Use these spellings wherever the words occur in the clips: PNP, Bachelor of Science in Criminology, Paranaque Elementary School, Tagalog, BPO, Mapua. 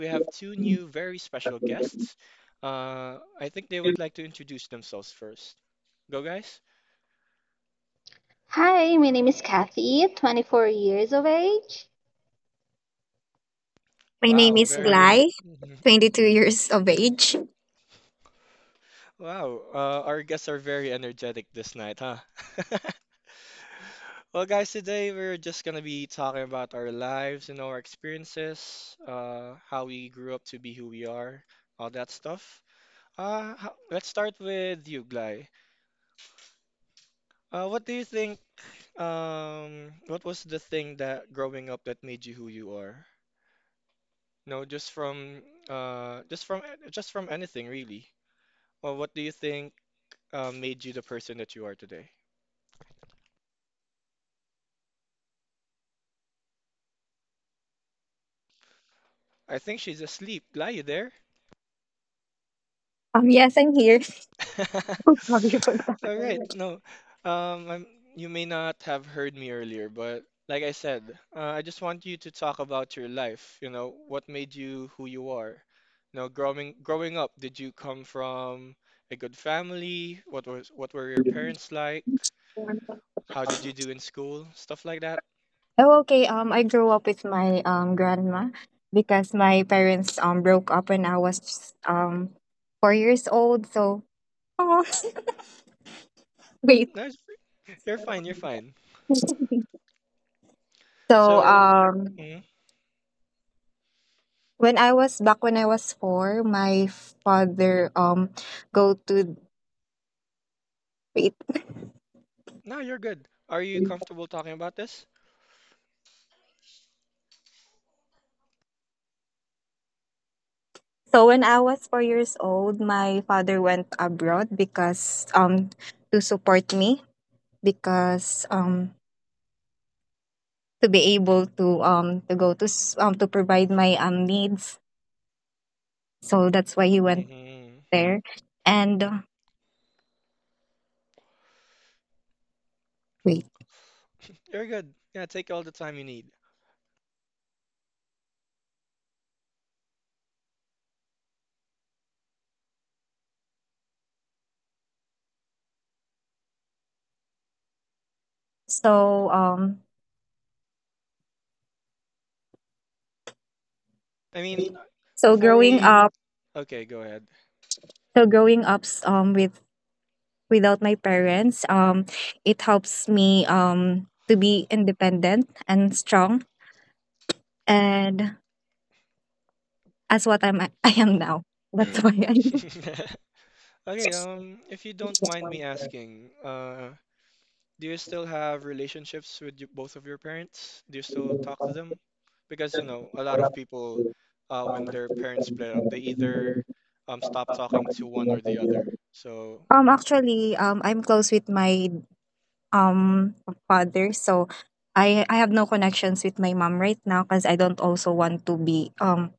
we have two new, very special guests. I think they would like to introduce themselves first. Go, guys. Hi, my name is Kathy, 24 years of age. My name Wow, is very. Gly, Mhm. 22 years of age. Wow, our guests are very energetic this night, huh? Well, guys, today we're just gonna be talking about our lives and our experiences, how we grew up to be who we are, all that stuff. Let's start with you, Gly. What do you think What was the thing that growing up that made you who you are? No, uh just from just from anything really. Well, what do you think made you the person that you are today? I think she's asleep. Lie, you there? Yes, I'm here. All right. No, um, I'm, you may not have heard me earlier, but like I said, I just want you to talk about your life. What made you who you are? Growing up, did you come from a good family? What were your parents like? How did you do in school? Stuff like that. Oh, okay. I grew up with my grandma because my parents broke up when I was um 4 years old. So, oh, wait. No, you're fine. You're fine. so So, mm, when I was back when I was four, my father go to wait. no, you're good. Are you comfortable talking about this? So when I was 4 years old, my father went abroad because to support me, because to be able to go to to provide my needs. So that's why he went Hmm. there. And wait. You're good. Yeah, take all the time you need. So I mean, so before growing we. up, Okay, go ahead. so growing up with without my parents, it helps me to be independent and strong, and as what I am now. That's why I Okay, if you don't mind me asking, do you still have relationships with both of your parents? Do you still talk to them? Because, a lot of people, when their parents split up, they either stop talking to one or the other. So, actually I'm close with my um father, so I have no connections with my mom right now because I don't also want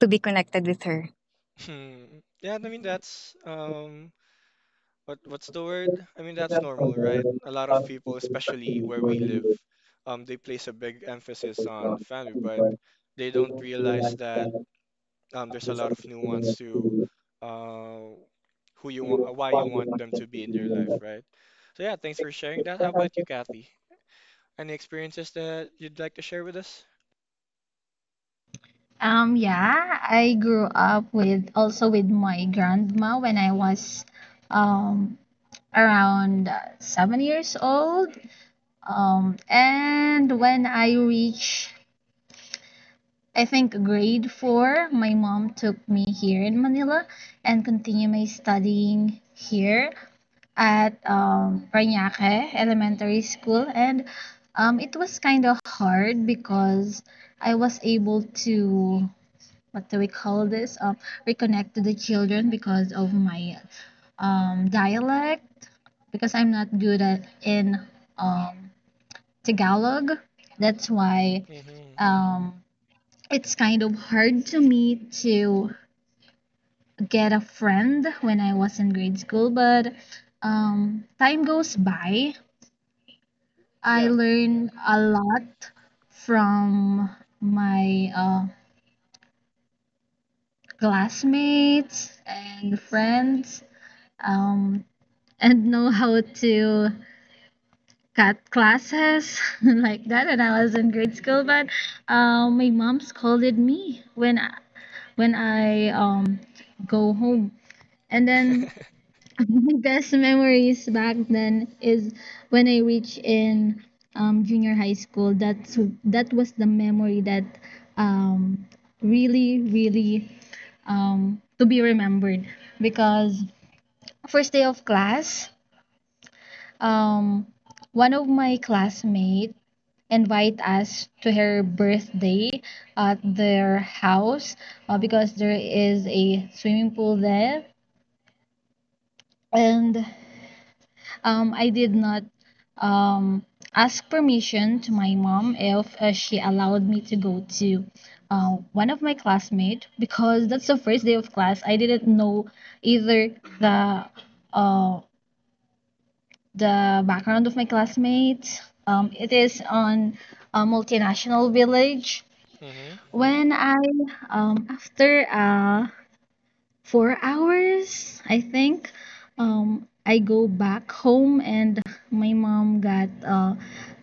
to be connected with her. yeah, I mean, that's What what's the word? I mean, that's normal, right? A lot of people, especially where we live, they place a big emphasis on family, but they don't realize that there's a lot of nuance to uh, who you want, why you want them to be in your life, right? So yeah, thanks for sharing that. How about you, Kathy? Any experiences that you'd like to share with us? Yeah, I grew up with also with my grandma when I was um around 7 years old. And when I reached, I think grade four, my mom took me here in Manila and continue my studying here at Paranaque Elementary School, and it was kind of hard because I was able to, what do we call this? Reconnect to the children because of my dialect, because I'm not good at in um, Tagalog. That's why Mm-hmm. um, it's kind of hard to me to get a friend when I was in grade school, but time goes by, I Yeah. learned a lot from my classmates and friends, um, and know how to cut classes like that. And I was in grade school, but my mom scolded me when I go home, and then best memories back then is when I reached in junior high school. That was the memory that um, really, really to be remembered, because first day of class, um, one of my classmates invite us to her birthday at their house, because there is a swimming pool there. And I did not um, ask permission to my mom if she allowed me to go to one of my classmates, because that's the first day of class. I didn't know either the uh, the background of my classmates. It is on a multinational village. Mm-hmm. When I, after 4 hours, I think, I go back home and my mom got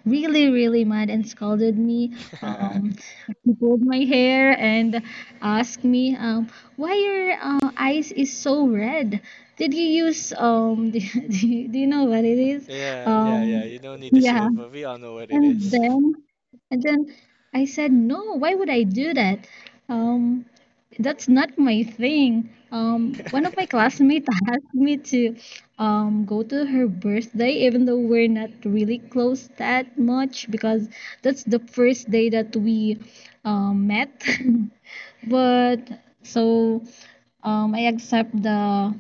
really, really mad and scolded me. Um, she pulled my hair and asked me, "Why your eyes is so red? Did you use Do you know what it is? Yeah, yeah, yeah. Um, You don't need to yeah, say it, but we all know what it and is. then and then I said, no, why would I do that? Um, that's not my thing. One of my classmates asked me to go to her birthday, even though we're not really close that much, because that's the first day that we met." But so I accept the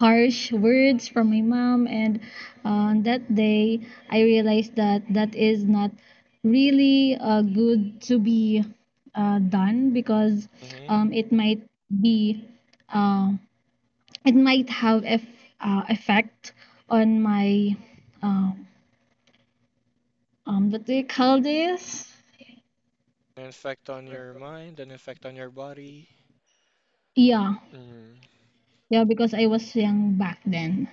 harsh words from my mom, and on that day I realized that that is not really good to be done, because Mhm. It might be uh, it might have effect on my um, what do you call this, An effect on your mind, an effect on your body. yeah, Mm. yeah, because I was young back then.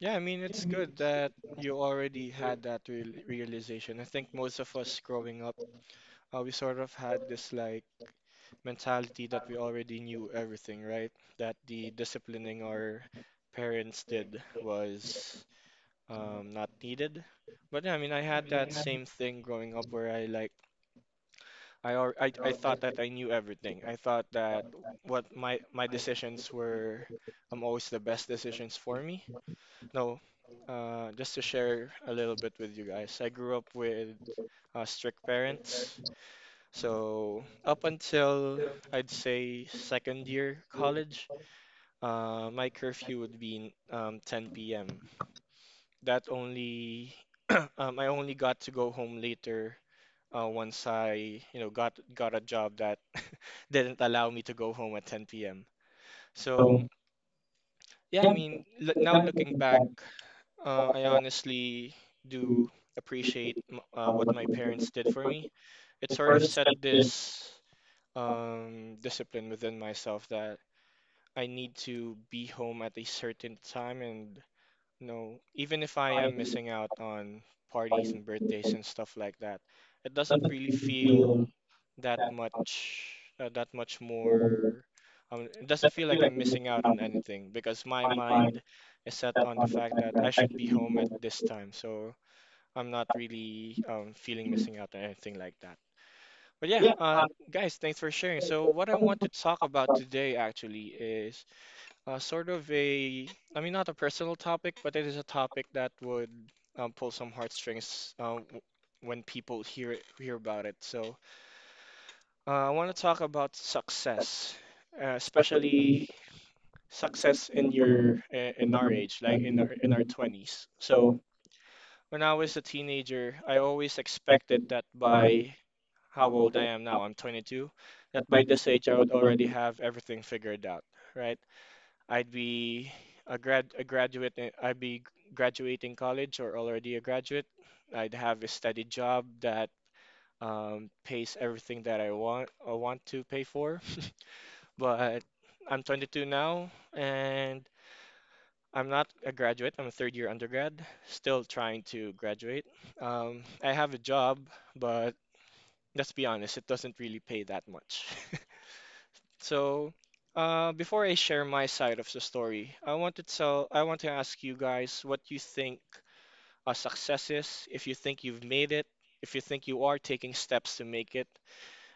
Yeah, I mean, it's good that you already had that realization. I think most of us growing up, we sort of had this like mentality that we already knew everything, right? That the disciplining our parents did was not needed. But yeah, I mean, I had that same thing growing up where I thought that I knew everything. I thought that what my decisions were always the best decisions for me. No, just to share a little bit with you guys, I grew up with strict parents. So up until I'd say second year college, my curfew would be 10 p.m. That only I only got to go home later once I, got a job that didn't allow me to go home at 10 p.m. So yeah, I mean, l now looking back, I honestly do appreciate m what my parents did for me. It sort of set this discipline within myself that I need to be home at a certain time and No, even if I am missing out on parties and birthdays and stuff like that, it doesn't really feel that much that much more it doesn't feel like I'm missing out on anything because my mind is set on the fact that I should be home at this time. So I'm not really feeling missing out on anything like that. But yeah, guys, thanks for sharing. So what I want to talk about today actually is sort of a, I mean, not a personal topic, but it is a topic that would pull some heartstrings when people hear about it. So I want to talk about success, especially success in in our age, like in our 20s. So when I was a teenager, I always expected that by how old I am now, I'm 22, that by this age I would already have everything figured out, right? I'd be a graduate. I'd be graduating college or already a graduate. I'd have a steady job that pays everything that I want to pay for. But I'm 22 now, and I'm not a graduate. I'm a third year undergrad, still trying to graduate. I have a job, but let's be honest, it doesn't really pay that much. So, before I share my side of the story, I want to ask you guys what you think a success is, if you think you've made it, if you think you are taking steps to make it,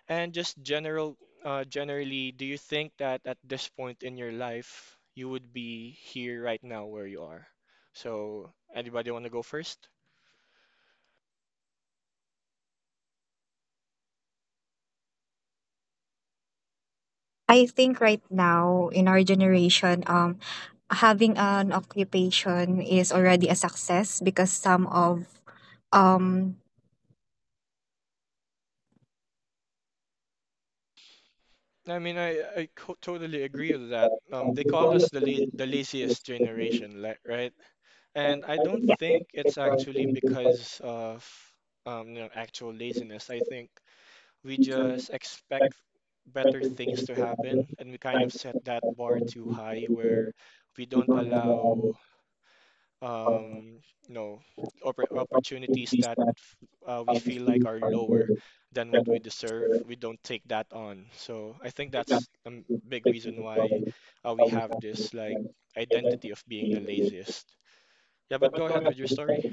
and generally, do you think that at this point in your life you would be here right now where you are? So, anybody want to go first? I think right now in our generation, having an occupation is already a success because some of um I mean, totally agree with that. They call us the laziest generation, right? And I don't think it's actually because of actual laziness. I think we just expect better things to happen, and we kind of set that bar too high where we don't allow um, you know, opportunities that we feel like are lower than what we deserve. We don't take that on. So I think that's a big reason why we have this like identity of being the laziest. Yeah, but go ahead with your story.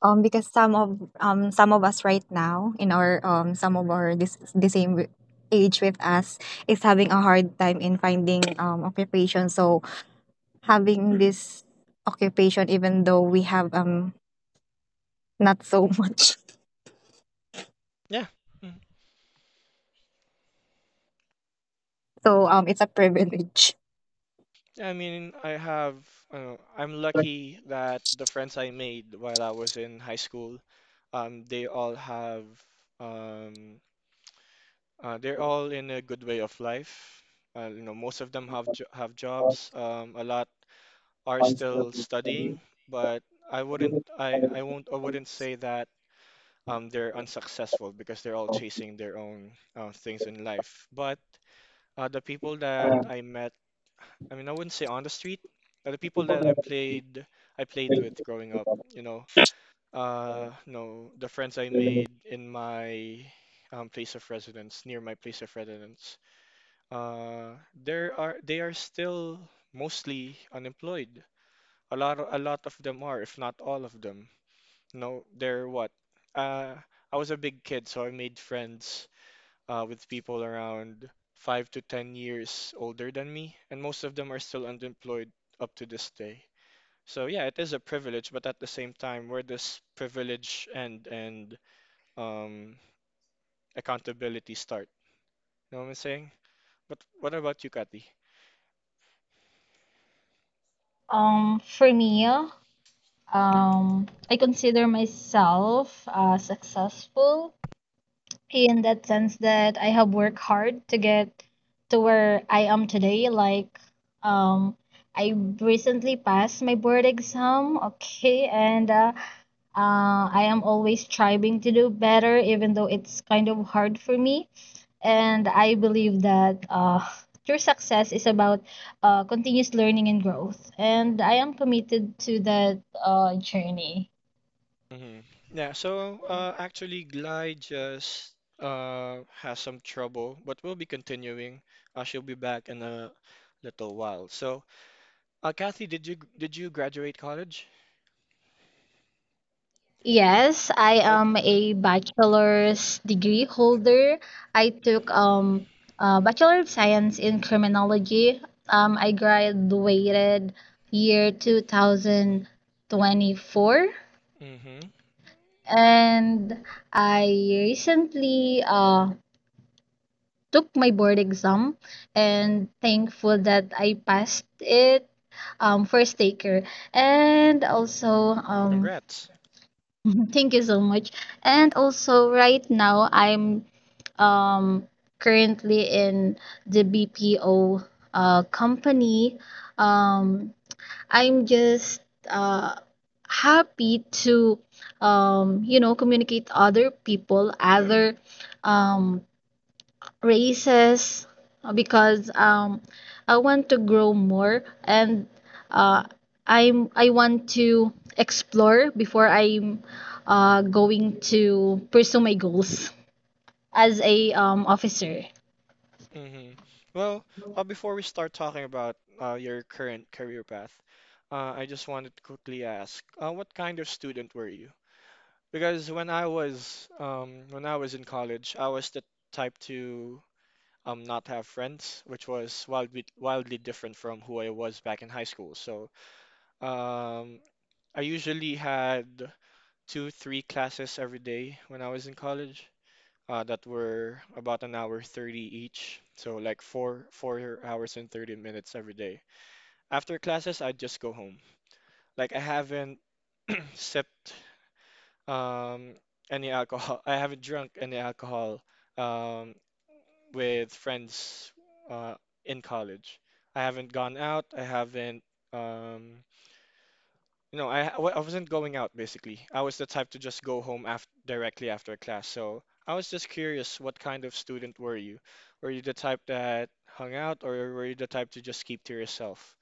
Us right now in our some of our this the same age with us is having a hard time in finding occupation. So having this occupation, even though we have not so much, Yeah. Mhm. so it's a privilege. I mean, I don't know, I'm lucky that the friends I made while I was in high school, they all have, um, they're all in a good way of life. Most of them have jobs. A lot are still studying, but I wouldn't, I won't, I wouldn't say that they're unsuccessful because they're all chasing their own things in life. But the people that I met I mean, I wouldn't say on the street. The people that I played with growing up, you know, no, the friends I made in my place of residence, near my place of residence, there are they are still mostly unemployed. A lot of them are, if not all of them. No, they're what? Uh, I was a big kid, so I made friends with people around 5 to 10 years older than me, and most of them are still unemployed up to this day. So yeah, it is a privilege, but at the same time, where does privilege end and um, accountability start? You know what I'm saying? But what about you, Kathy? For me, I consider myself successful in that sense that I have worked hard to get to where I am today. Like, um, I recently passed my board exam, okay, and I am always striving to do better, even though it's kind of hard for me. And I believe that true success is about continuous learning and growth, and I am committed to that journey. Hmm. Yeah, so actually, Glide just has some trouble, but we'll be continuing. She'll be back in a little while. So, Kathy, did you graduate college? Yes, I am a bachelor's degree holder. I took a Bachelor of Science in Criminology. I graduated year 2024, Mm-hmm. and I recently took my board exam and thankful that I passed it, first taker, and also Congrats. thank you so much. And also right now I'm um currently in the BPO company. Um I'm just uh happy to, you know, communicate other people, other um races, because I want to grow more, and uh, I want to explore before I'm going to pursue my goals as a officer. Mm-hmm. Well, before we start talking about your current career path, I just wanted to quickly ask, what kind of student were you? Because when I was in college, I was the type to not have friends, which was wildly different from who I was back in high school. So um, I usually had two, three classes every day when I was in college. That were about an hour 30 each. So like four hours and 30 minutes every day. After classes, I'd just go home. Like I haven't sipped um, any alcohol. I haven't drunk any alcohol um, with friends uh, in college. I haven't gone out. I haven't um, You know, I wa- I wasn't going out basically. I was the type to just go home after directly after class. So I was just curious, what kind of student were you? Were you the type that hung out, or were you the type to just keep to yourself?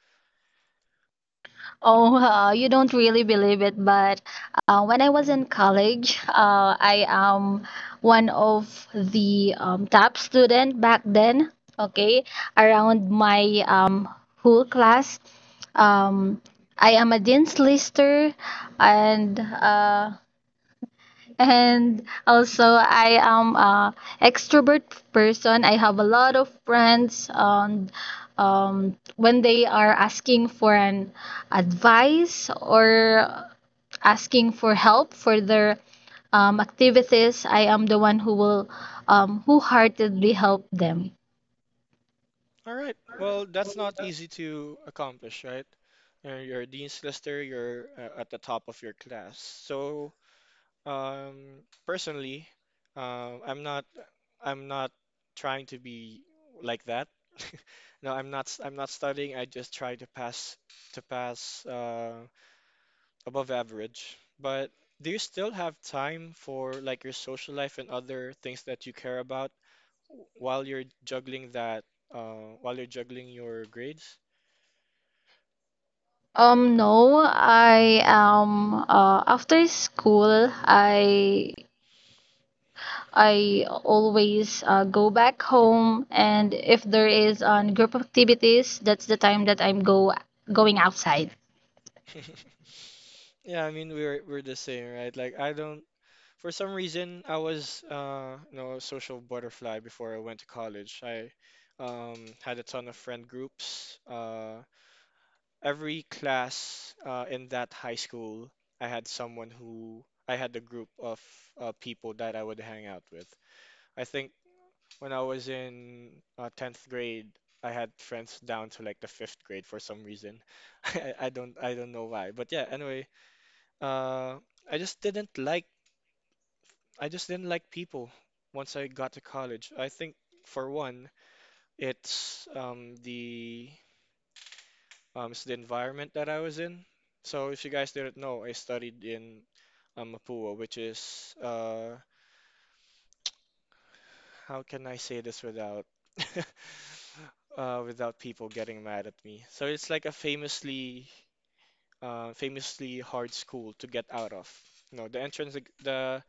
Oh, you don't really believe it, but when I was in college, I am one of the top student back then. Okay, around my whole class, um, I am a dean's lister, and uh, and also, I am a extrovert person. I have a lot of friends, and when they are asking for an advice or asking for help for their activities, I am the one who will wholeheartedly help them. All right. Well, that's not easy to accomplish, right? You're a dean's lister. You're at the top of your class. So personally, um, I'm not I'm not trying to be like that. No, I'm not studying. I just try to pass above average. But do you still have time for like your social life and other things that you care about while you're juggling your grades? No, I am, after school, I always go back home, and if there is on group activities, that's the time that I'm go going outside. Yeah, I mean we're the same, right? Like I don't For some reason, I was a social butterfly before I went to college. I had a ton of friend groups. Every class in that high school, I had someone who I had a group of people that I would hang out with. I think when I was in 10th grade, I had friends down to like the fifth grade for some reason. I don't know why. But yeah, anyway, uh, I just didn't like people once I got to college. I think for one, it's um, the it's the environment that I was in. So if you guys didn't know, I studied in Mapua, which is how can I say this without without people getting mad at me? So it's like a famously hard school to get out of. No, the entrance, the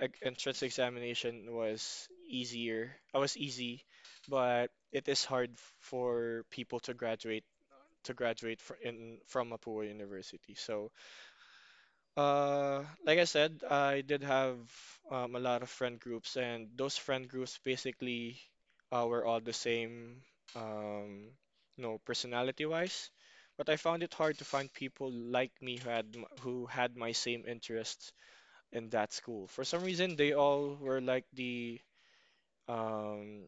ec- entrance examination was easier. I was easy, but it is hard for people to graduate fr in from Mapua University. So, like I said, I did have a lot of friend groups, and those friend groups basically were all the same, um, personality-wise. But I found it hard to find people like me who had my same interests in that school. For some reason, they all were like um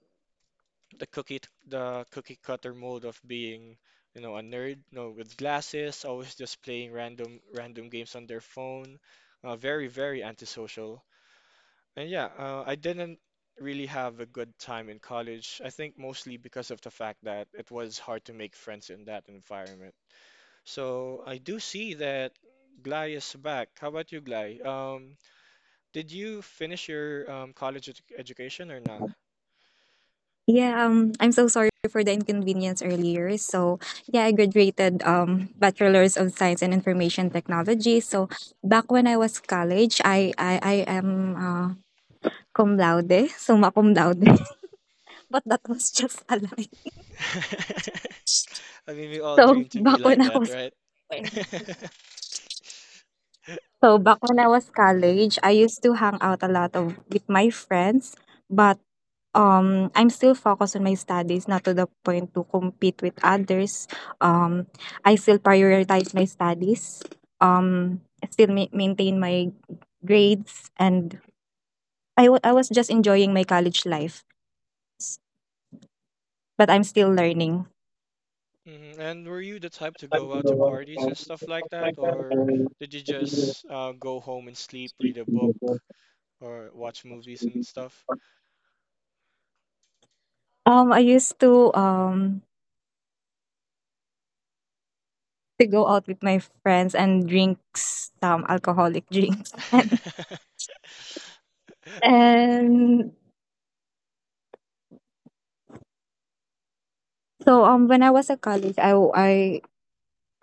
the cookie cutter mode of being, a nerd, with glasses, always just playing random games on their phone. Very, very antisocial. And yeah, I didn't really have a good time in college. I think mostly because of the fact that it was hard to make friends in that environment. So I do see that Gly is back. How about you, Gly? Did you finish your college edu education or not? Yeah, I'm so sorry for the inconvenience earlier. So yeah, I graduated Bachelor's of Science in Information Technology. So back when I was college, I am uh, cum laude, summa cum laude. But that was just a lie. I mean, we all So dream to be back when like I that, was, right? College, I used to hang out a lot of with my friends, but I'm still focused on my studies, not to the point to compete with others. Um, I still prioritize my studies. Um, Still maintain my grades, and I was just enjoying my college life. S- but I'm still learning. Mhm. And were you the type to go out to parties and stuff like that, or did you just go home and sleep, read a book, or watch movies and stuff? I used to go out with my friends and drink some alcoholic drinks, and and so when I was a college, I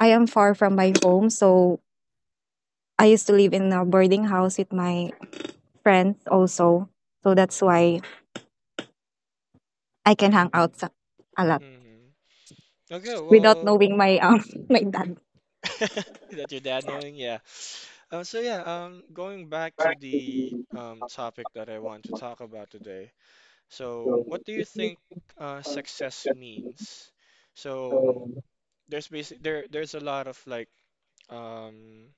I am far from my home, so I used to live in a boarding house with my friends also, so that's why I can hang out a lot Hmm, okay, without well, knowing my my dad. that your dad knowing, yeah. So yeah, going back to the topic that I want to talk about today. So, what do you think success means? So, there's basic there there's a lot of like um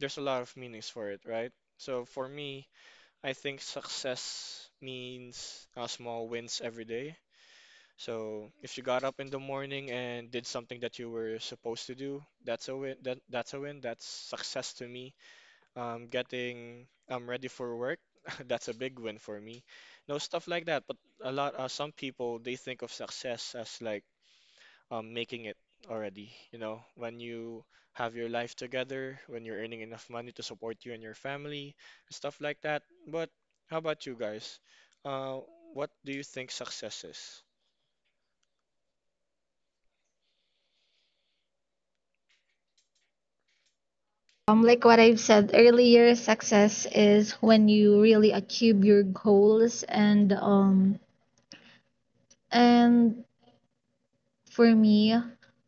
there's a lot of meanings for it, right? So for me, I think success means small wins every day. So if you got up in the morning and did something that you were supposed to do, that's a win. That's a win. That's success to me, getting ready for work. That's a big win for me. No, stuff like that. But some people they think of success as like, making it already. You know, when you have your life together, when you're earning enough money to support you and your family, stuff like that. But how about you guys? Uh, what do you think success is? Like what I've said earlier, success is when you really achieve your goals, and and for me,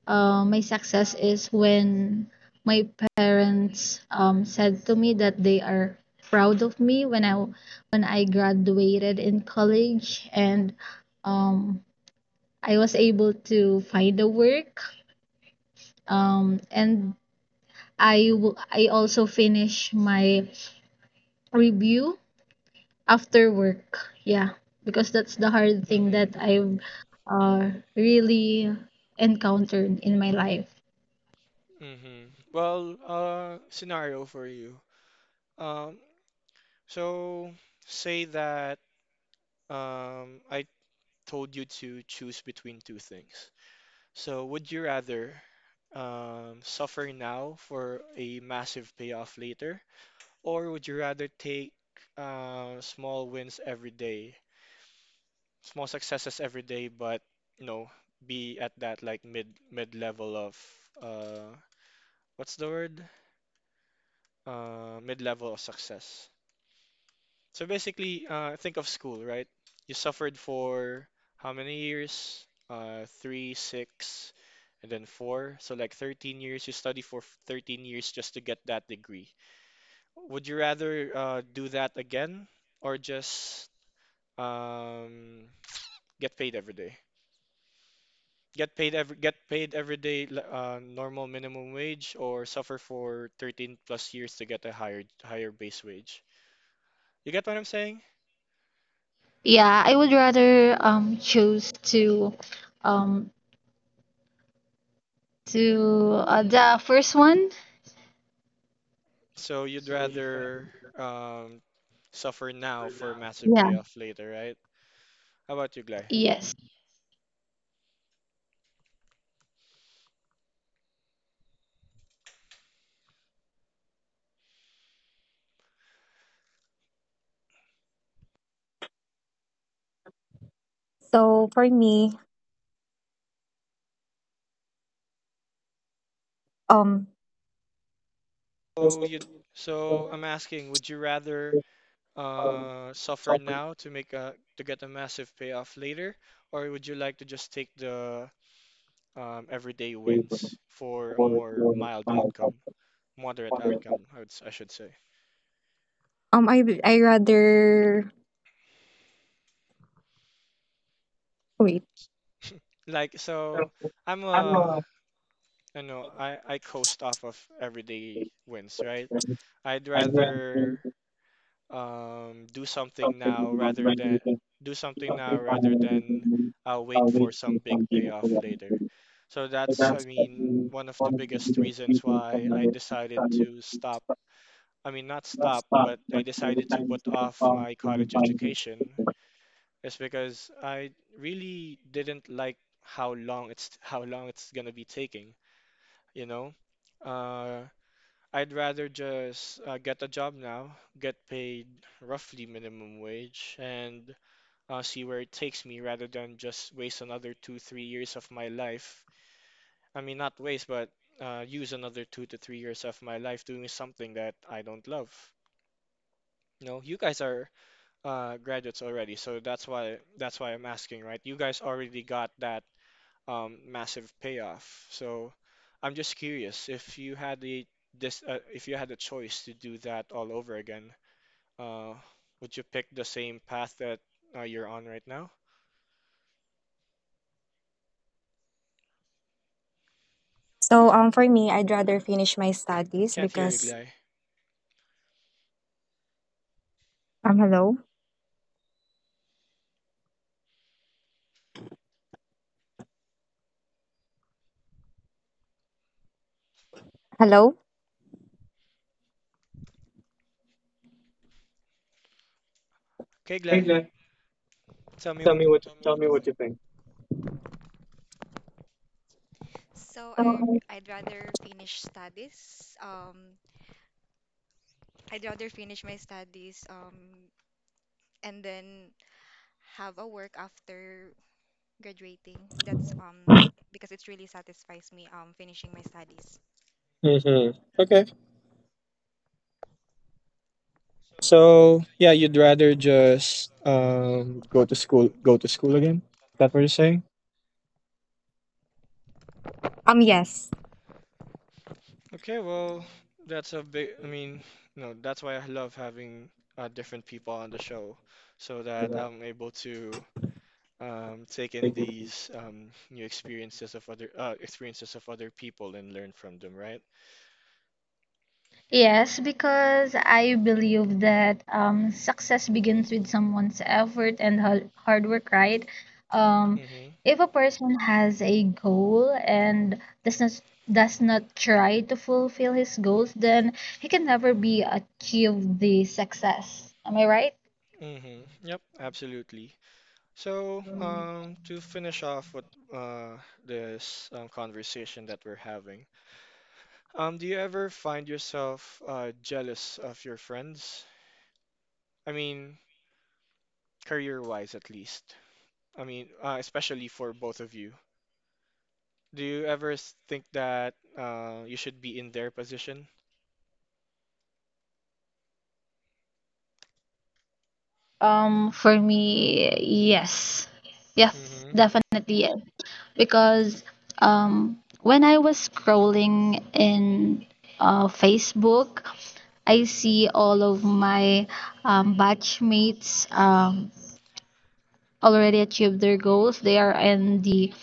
my success is when my parents said to me that they are proud of me when I graduated in college, and um I was able to find a work. And I I also finish my review after work. Yeah, because that's the hard thing that Mm-hmm. I've really encountered in my life. Mm-hmm. Well, scenario for you. Um, so say that I told you to choose between two things. So, would you rather suffer now for a massive payoff later, or would you rather take small wins every day, small successes every day, but you know, be at that like mid level of uh, what's the word? Mid level of success. So basically, think of school, right? You suffered for how many years? Three, six, and then four. So like 13 years. You study for 13 years just to get that degree. Would you rather do that again or just um, get paid every day? Get paid every day, normal minimum wage, or suffer for 13 plus years to get a higher base wage. You get what I'm saying? Yeah, I would rather choose to um the first one. So you'd rather um, suffer now for a massive Yeah. payoff later, right? How about you, Glay? Yes. So for me, um So you, so I'm asking, would you rather suffer now to get a massive payoff later, or would you like to just take the everyday wins for a more mild outcome, moderate outcome, I should say. I rather wait. Like, so I'm a, I know, I coast off of everyday wins, right? I'd rather um, do something now rather than do something now rather than wait for some big payoff later. So that's, I mean, one of the biggest reasons why I decided to stop. I mean, not stop, but I decided to put off my college education is because I really didn't like how long it's gonna be taking, you know? Uh, I'd rather just get a job now, get paid roughly minimum wage, and see where it takes me rather than just waste another two, 3 years of my life. I mean, not waste, but use another 2 to 3 years of my life doing something that I don't love. You know, you guys are graduates already, so that's why I'm asking, right? You guys already got that massive payoff. So I'm just curious if you had the this if you had a choice to do that all over again, uh, would you pick the same path that you're on right now? So for me, I'd rather finish my studies Can't hear you, because Glay. Hello, hello. Okay, Glay, tell me what. So I So I'd rather finish studies. I'd rather finish my studies. And then have a work after graduating. That's because it really satisfies me. Finishing my studies. So, yeah, uh, yes okay, well, I mean, no, that's why I love having different people on the show so that I'm able to take in these new experiences of other people and learn from them, right? Yes, because I believe that success begins with someone's effort and hard work, right? Um, Mm-hmm. if a person has a goal and does not try to fulfill his goals, then he can never be achieve the success. Am I right? Mm-hmm. Yep, absolutely. So, to finish off with uh, this conversation that we're having, do you ever find yourself jealous of your friends? I mean, career-wise at least. I mean, especially for both of you. Do you ever think that you should be in their position? For me, yes. Yes, Mm-hmm. definitely yes. Because when I was scrolling in Facebook, I see all of my batchmates already achieved their goals. They are in the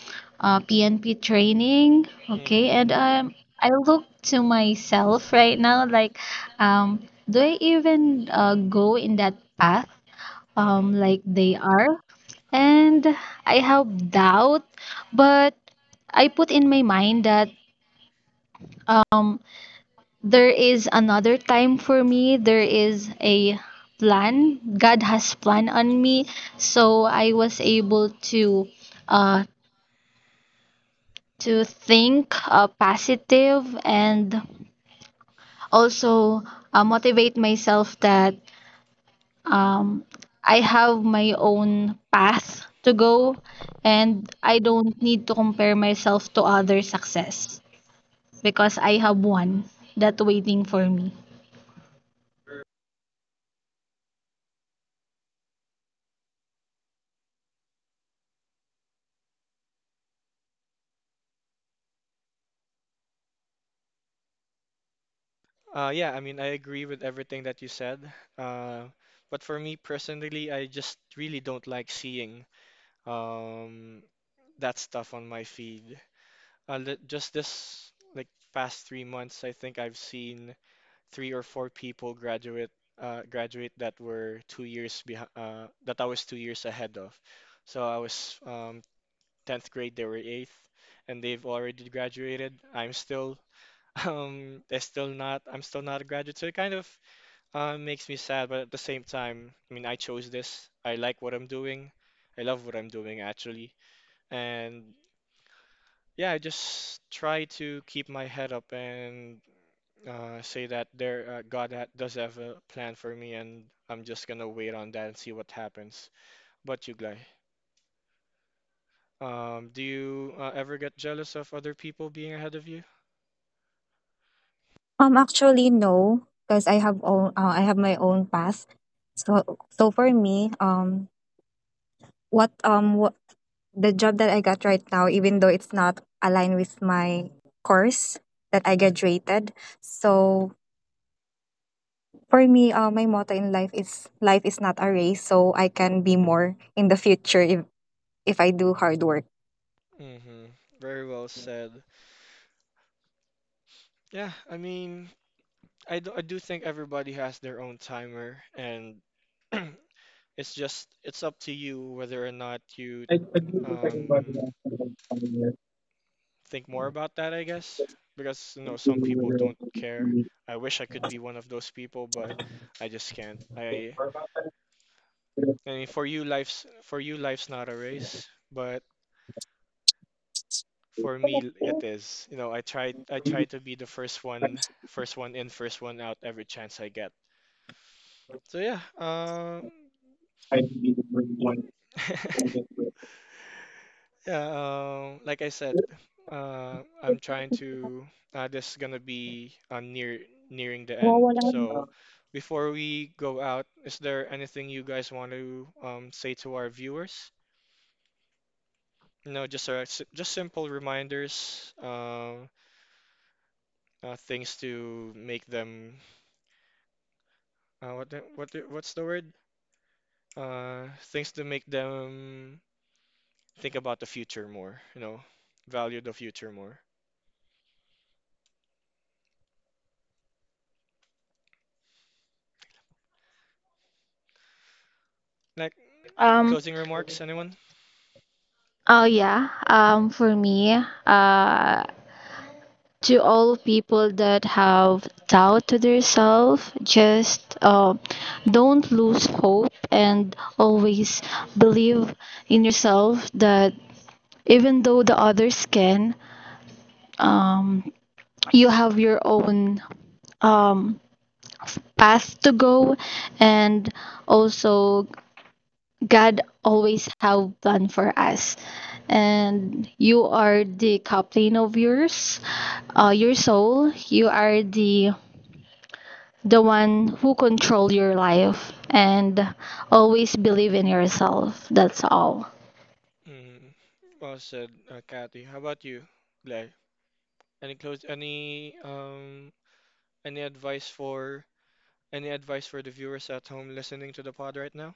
PNP training, okay? Mm-hmm. And I look to myself right now like, do I even go in that path Mm-hmm. like they are? And I have doubt, but I put in my mind that um there is another time for me, there is a plan, God has plan on me, so I was able to uh think positive, and also motivate myself that um, I have my own path to go, and I don't need to compare myself to other success because I have one that waiting for me. Yeah, I mean, I agree with everything that you said. Uh, but for me personally, I just really don't like seeing um, that stuff on my feed. Just this like past 3 months, I think I've seen three or four people graduate that were 2 years behind, that I was 2 years ahead of. So I was 10th grade, they were eighth, and they've already graduated. I'm still they still not I'm still not a graduate, so it kind of makes me sad. But at the same time, I mean, I chose this. I like what I'm doing. I love what I'm doing actually, and yeah, I just try to keep my head up and say that there God ha does have a plan for me, and I'm just gonna wait on that and see what happens. But you, Glay, do you ever get jealous of other people being ahead of you? Actually no, because I have my own path. So for me, what the job that I got right now, even though it's not aligned with my course that I graduated. So for me, my motto in life is not a race, so I can be more in the future if I do hard work. Mm-hmm. Very well said. Yeah, I mean, I do think everybody has their own timer, and it's up to you whether or not you um think more about that, I guess, because you know some people don't care. I wish I could be one of those people, but I just can't. I mean, for you, life's not a race, but for me, it is. You know, I try to be the first one in, first one out every chance I get. So yeah, Yeah, like I said, I'm trying to. This is gonna be nearing the end. So, before we go out, is there anything you guys want to say to our viewers? You know, just simple reminders, things to make them. What's the word? Uh, Things to make them think about the future more. You know, value the future more. Like Um, closing remarks, anyone? oh yeah. For me, uh, to all people that have doubt to themselves, just don't lose hope and always believe in yourself that even though the others can, um, you have your own um path to go, and also God always have plan for us. And you are the captain of yours, your soul. You are the one who control your life, and always believe in yourself. That's all. Mm, well said, Kathy. How about you, Glad? Any close, any um, any advice for any advice for the viewers at home listening to the pod right now?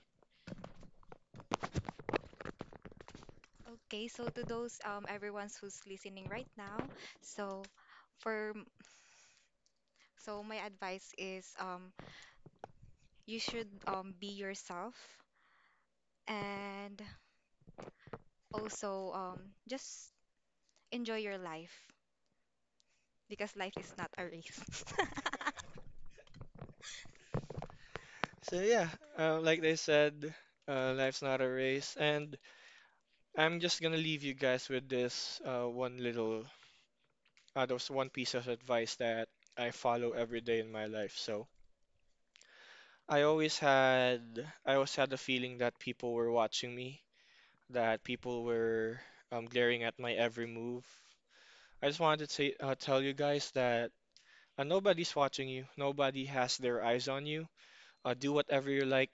Okay, so to those everyone's who's listening right now, so for m- so my advice is you should be yourself and also just enjoy your life because life is not a race. So yeah, like they said, life's not a race, and I'm just gonna leave you guys with this there's one piece of advice that I follow every day in my life. So I always had the feeling that people were watching me, that people were glaring at my every move. I just wanted to tell you guys that nobody's watching you, nobody has their eyes on you. Do whatever you like,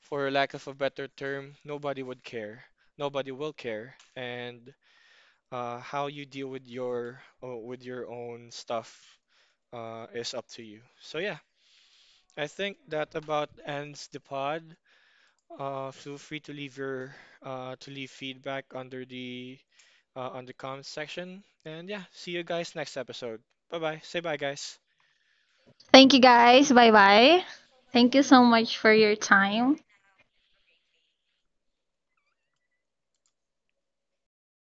for lack of a better term, nobody would care. Nobody will care. And how you deal with your own stuff is up to you. So yeah, I think that about ends the pod. Feel free to leave feedback under the on the comments section. And yeah, see you guys next episode. Bye bye. Say bye, guys. Thank you guys. Bye bye. Thank you so much for your time.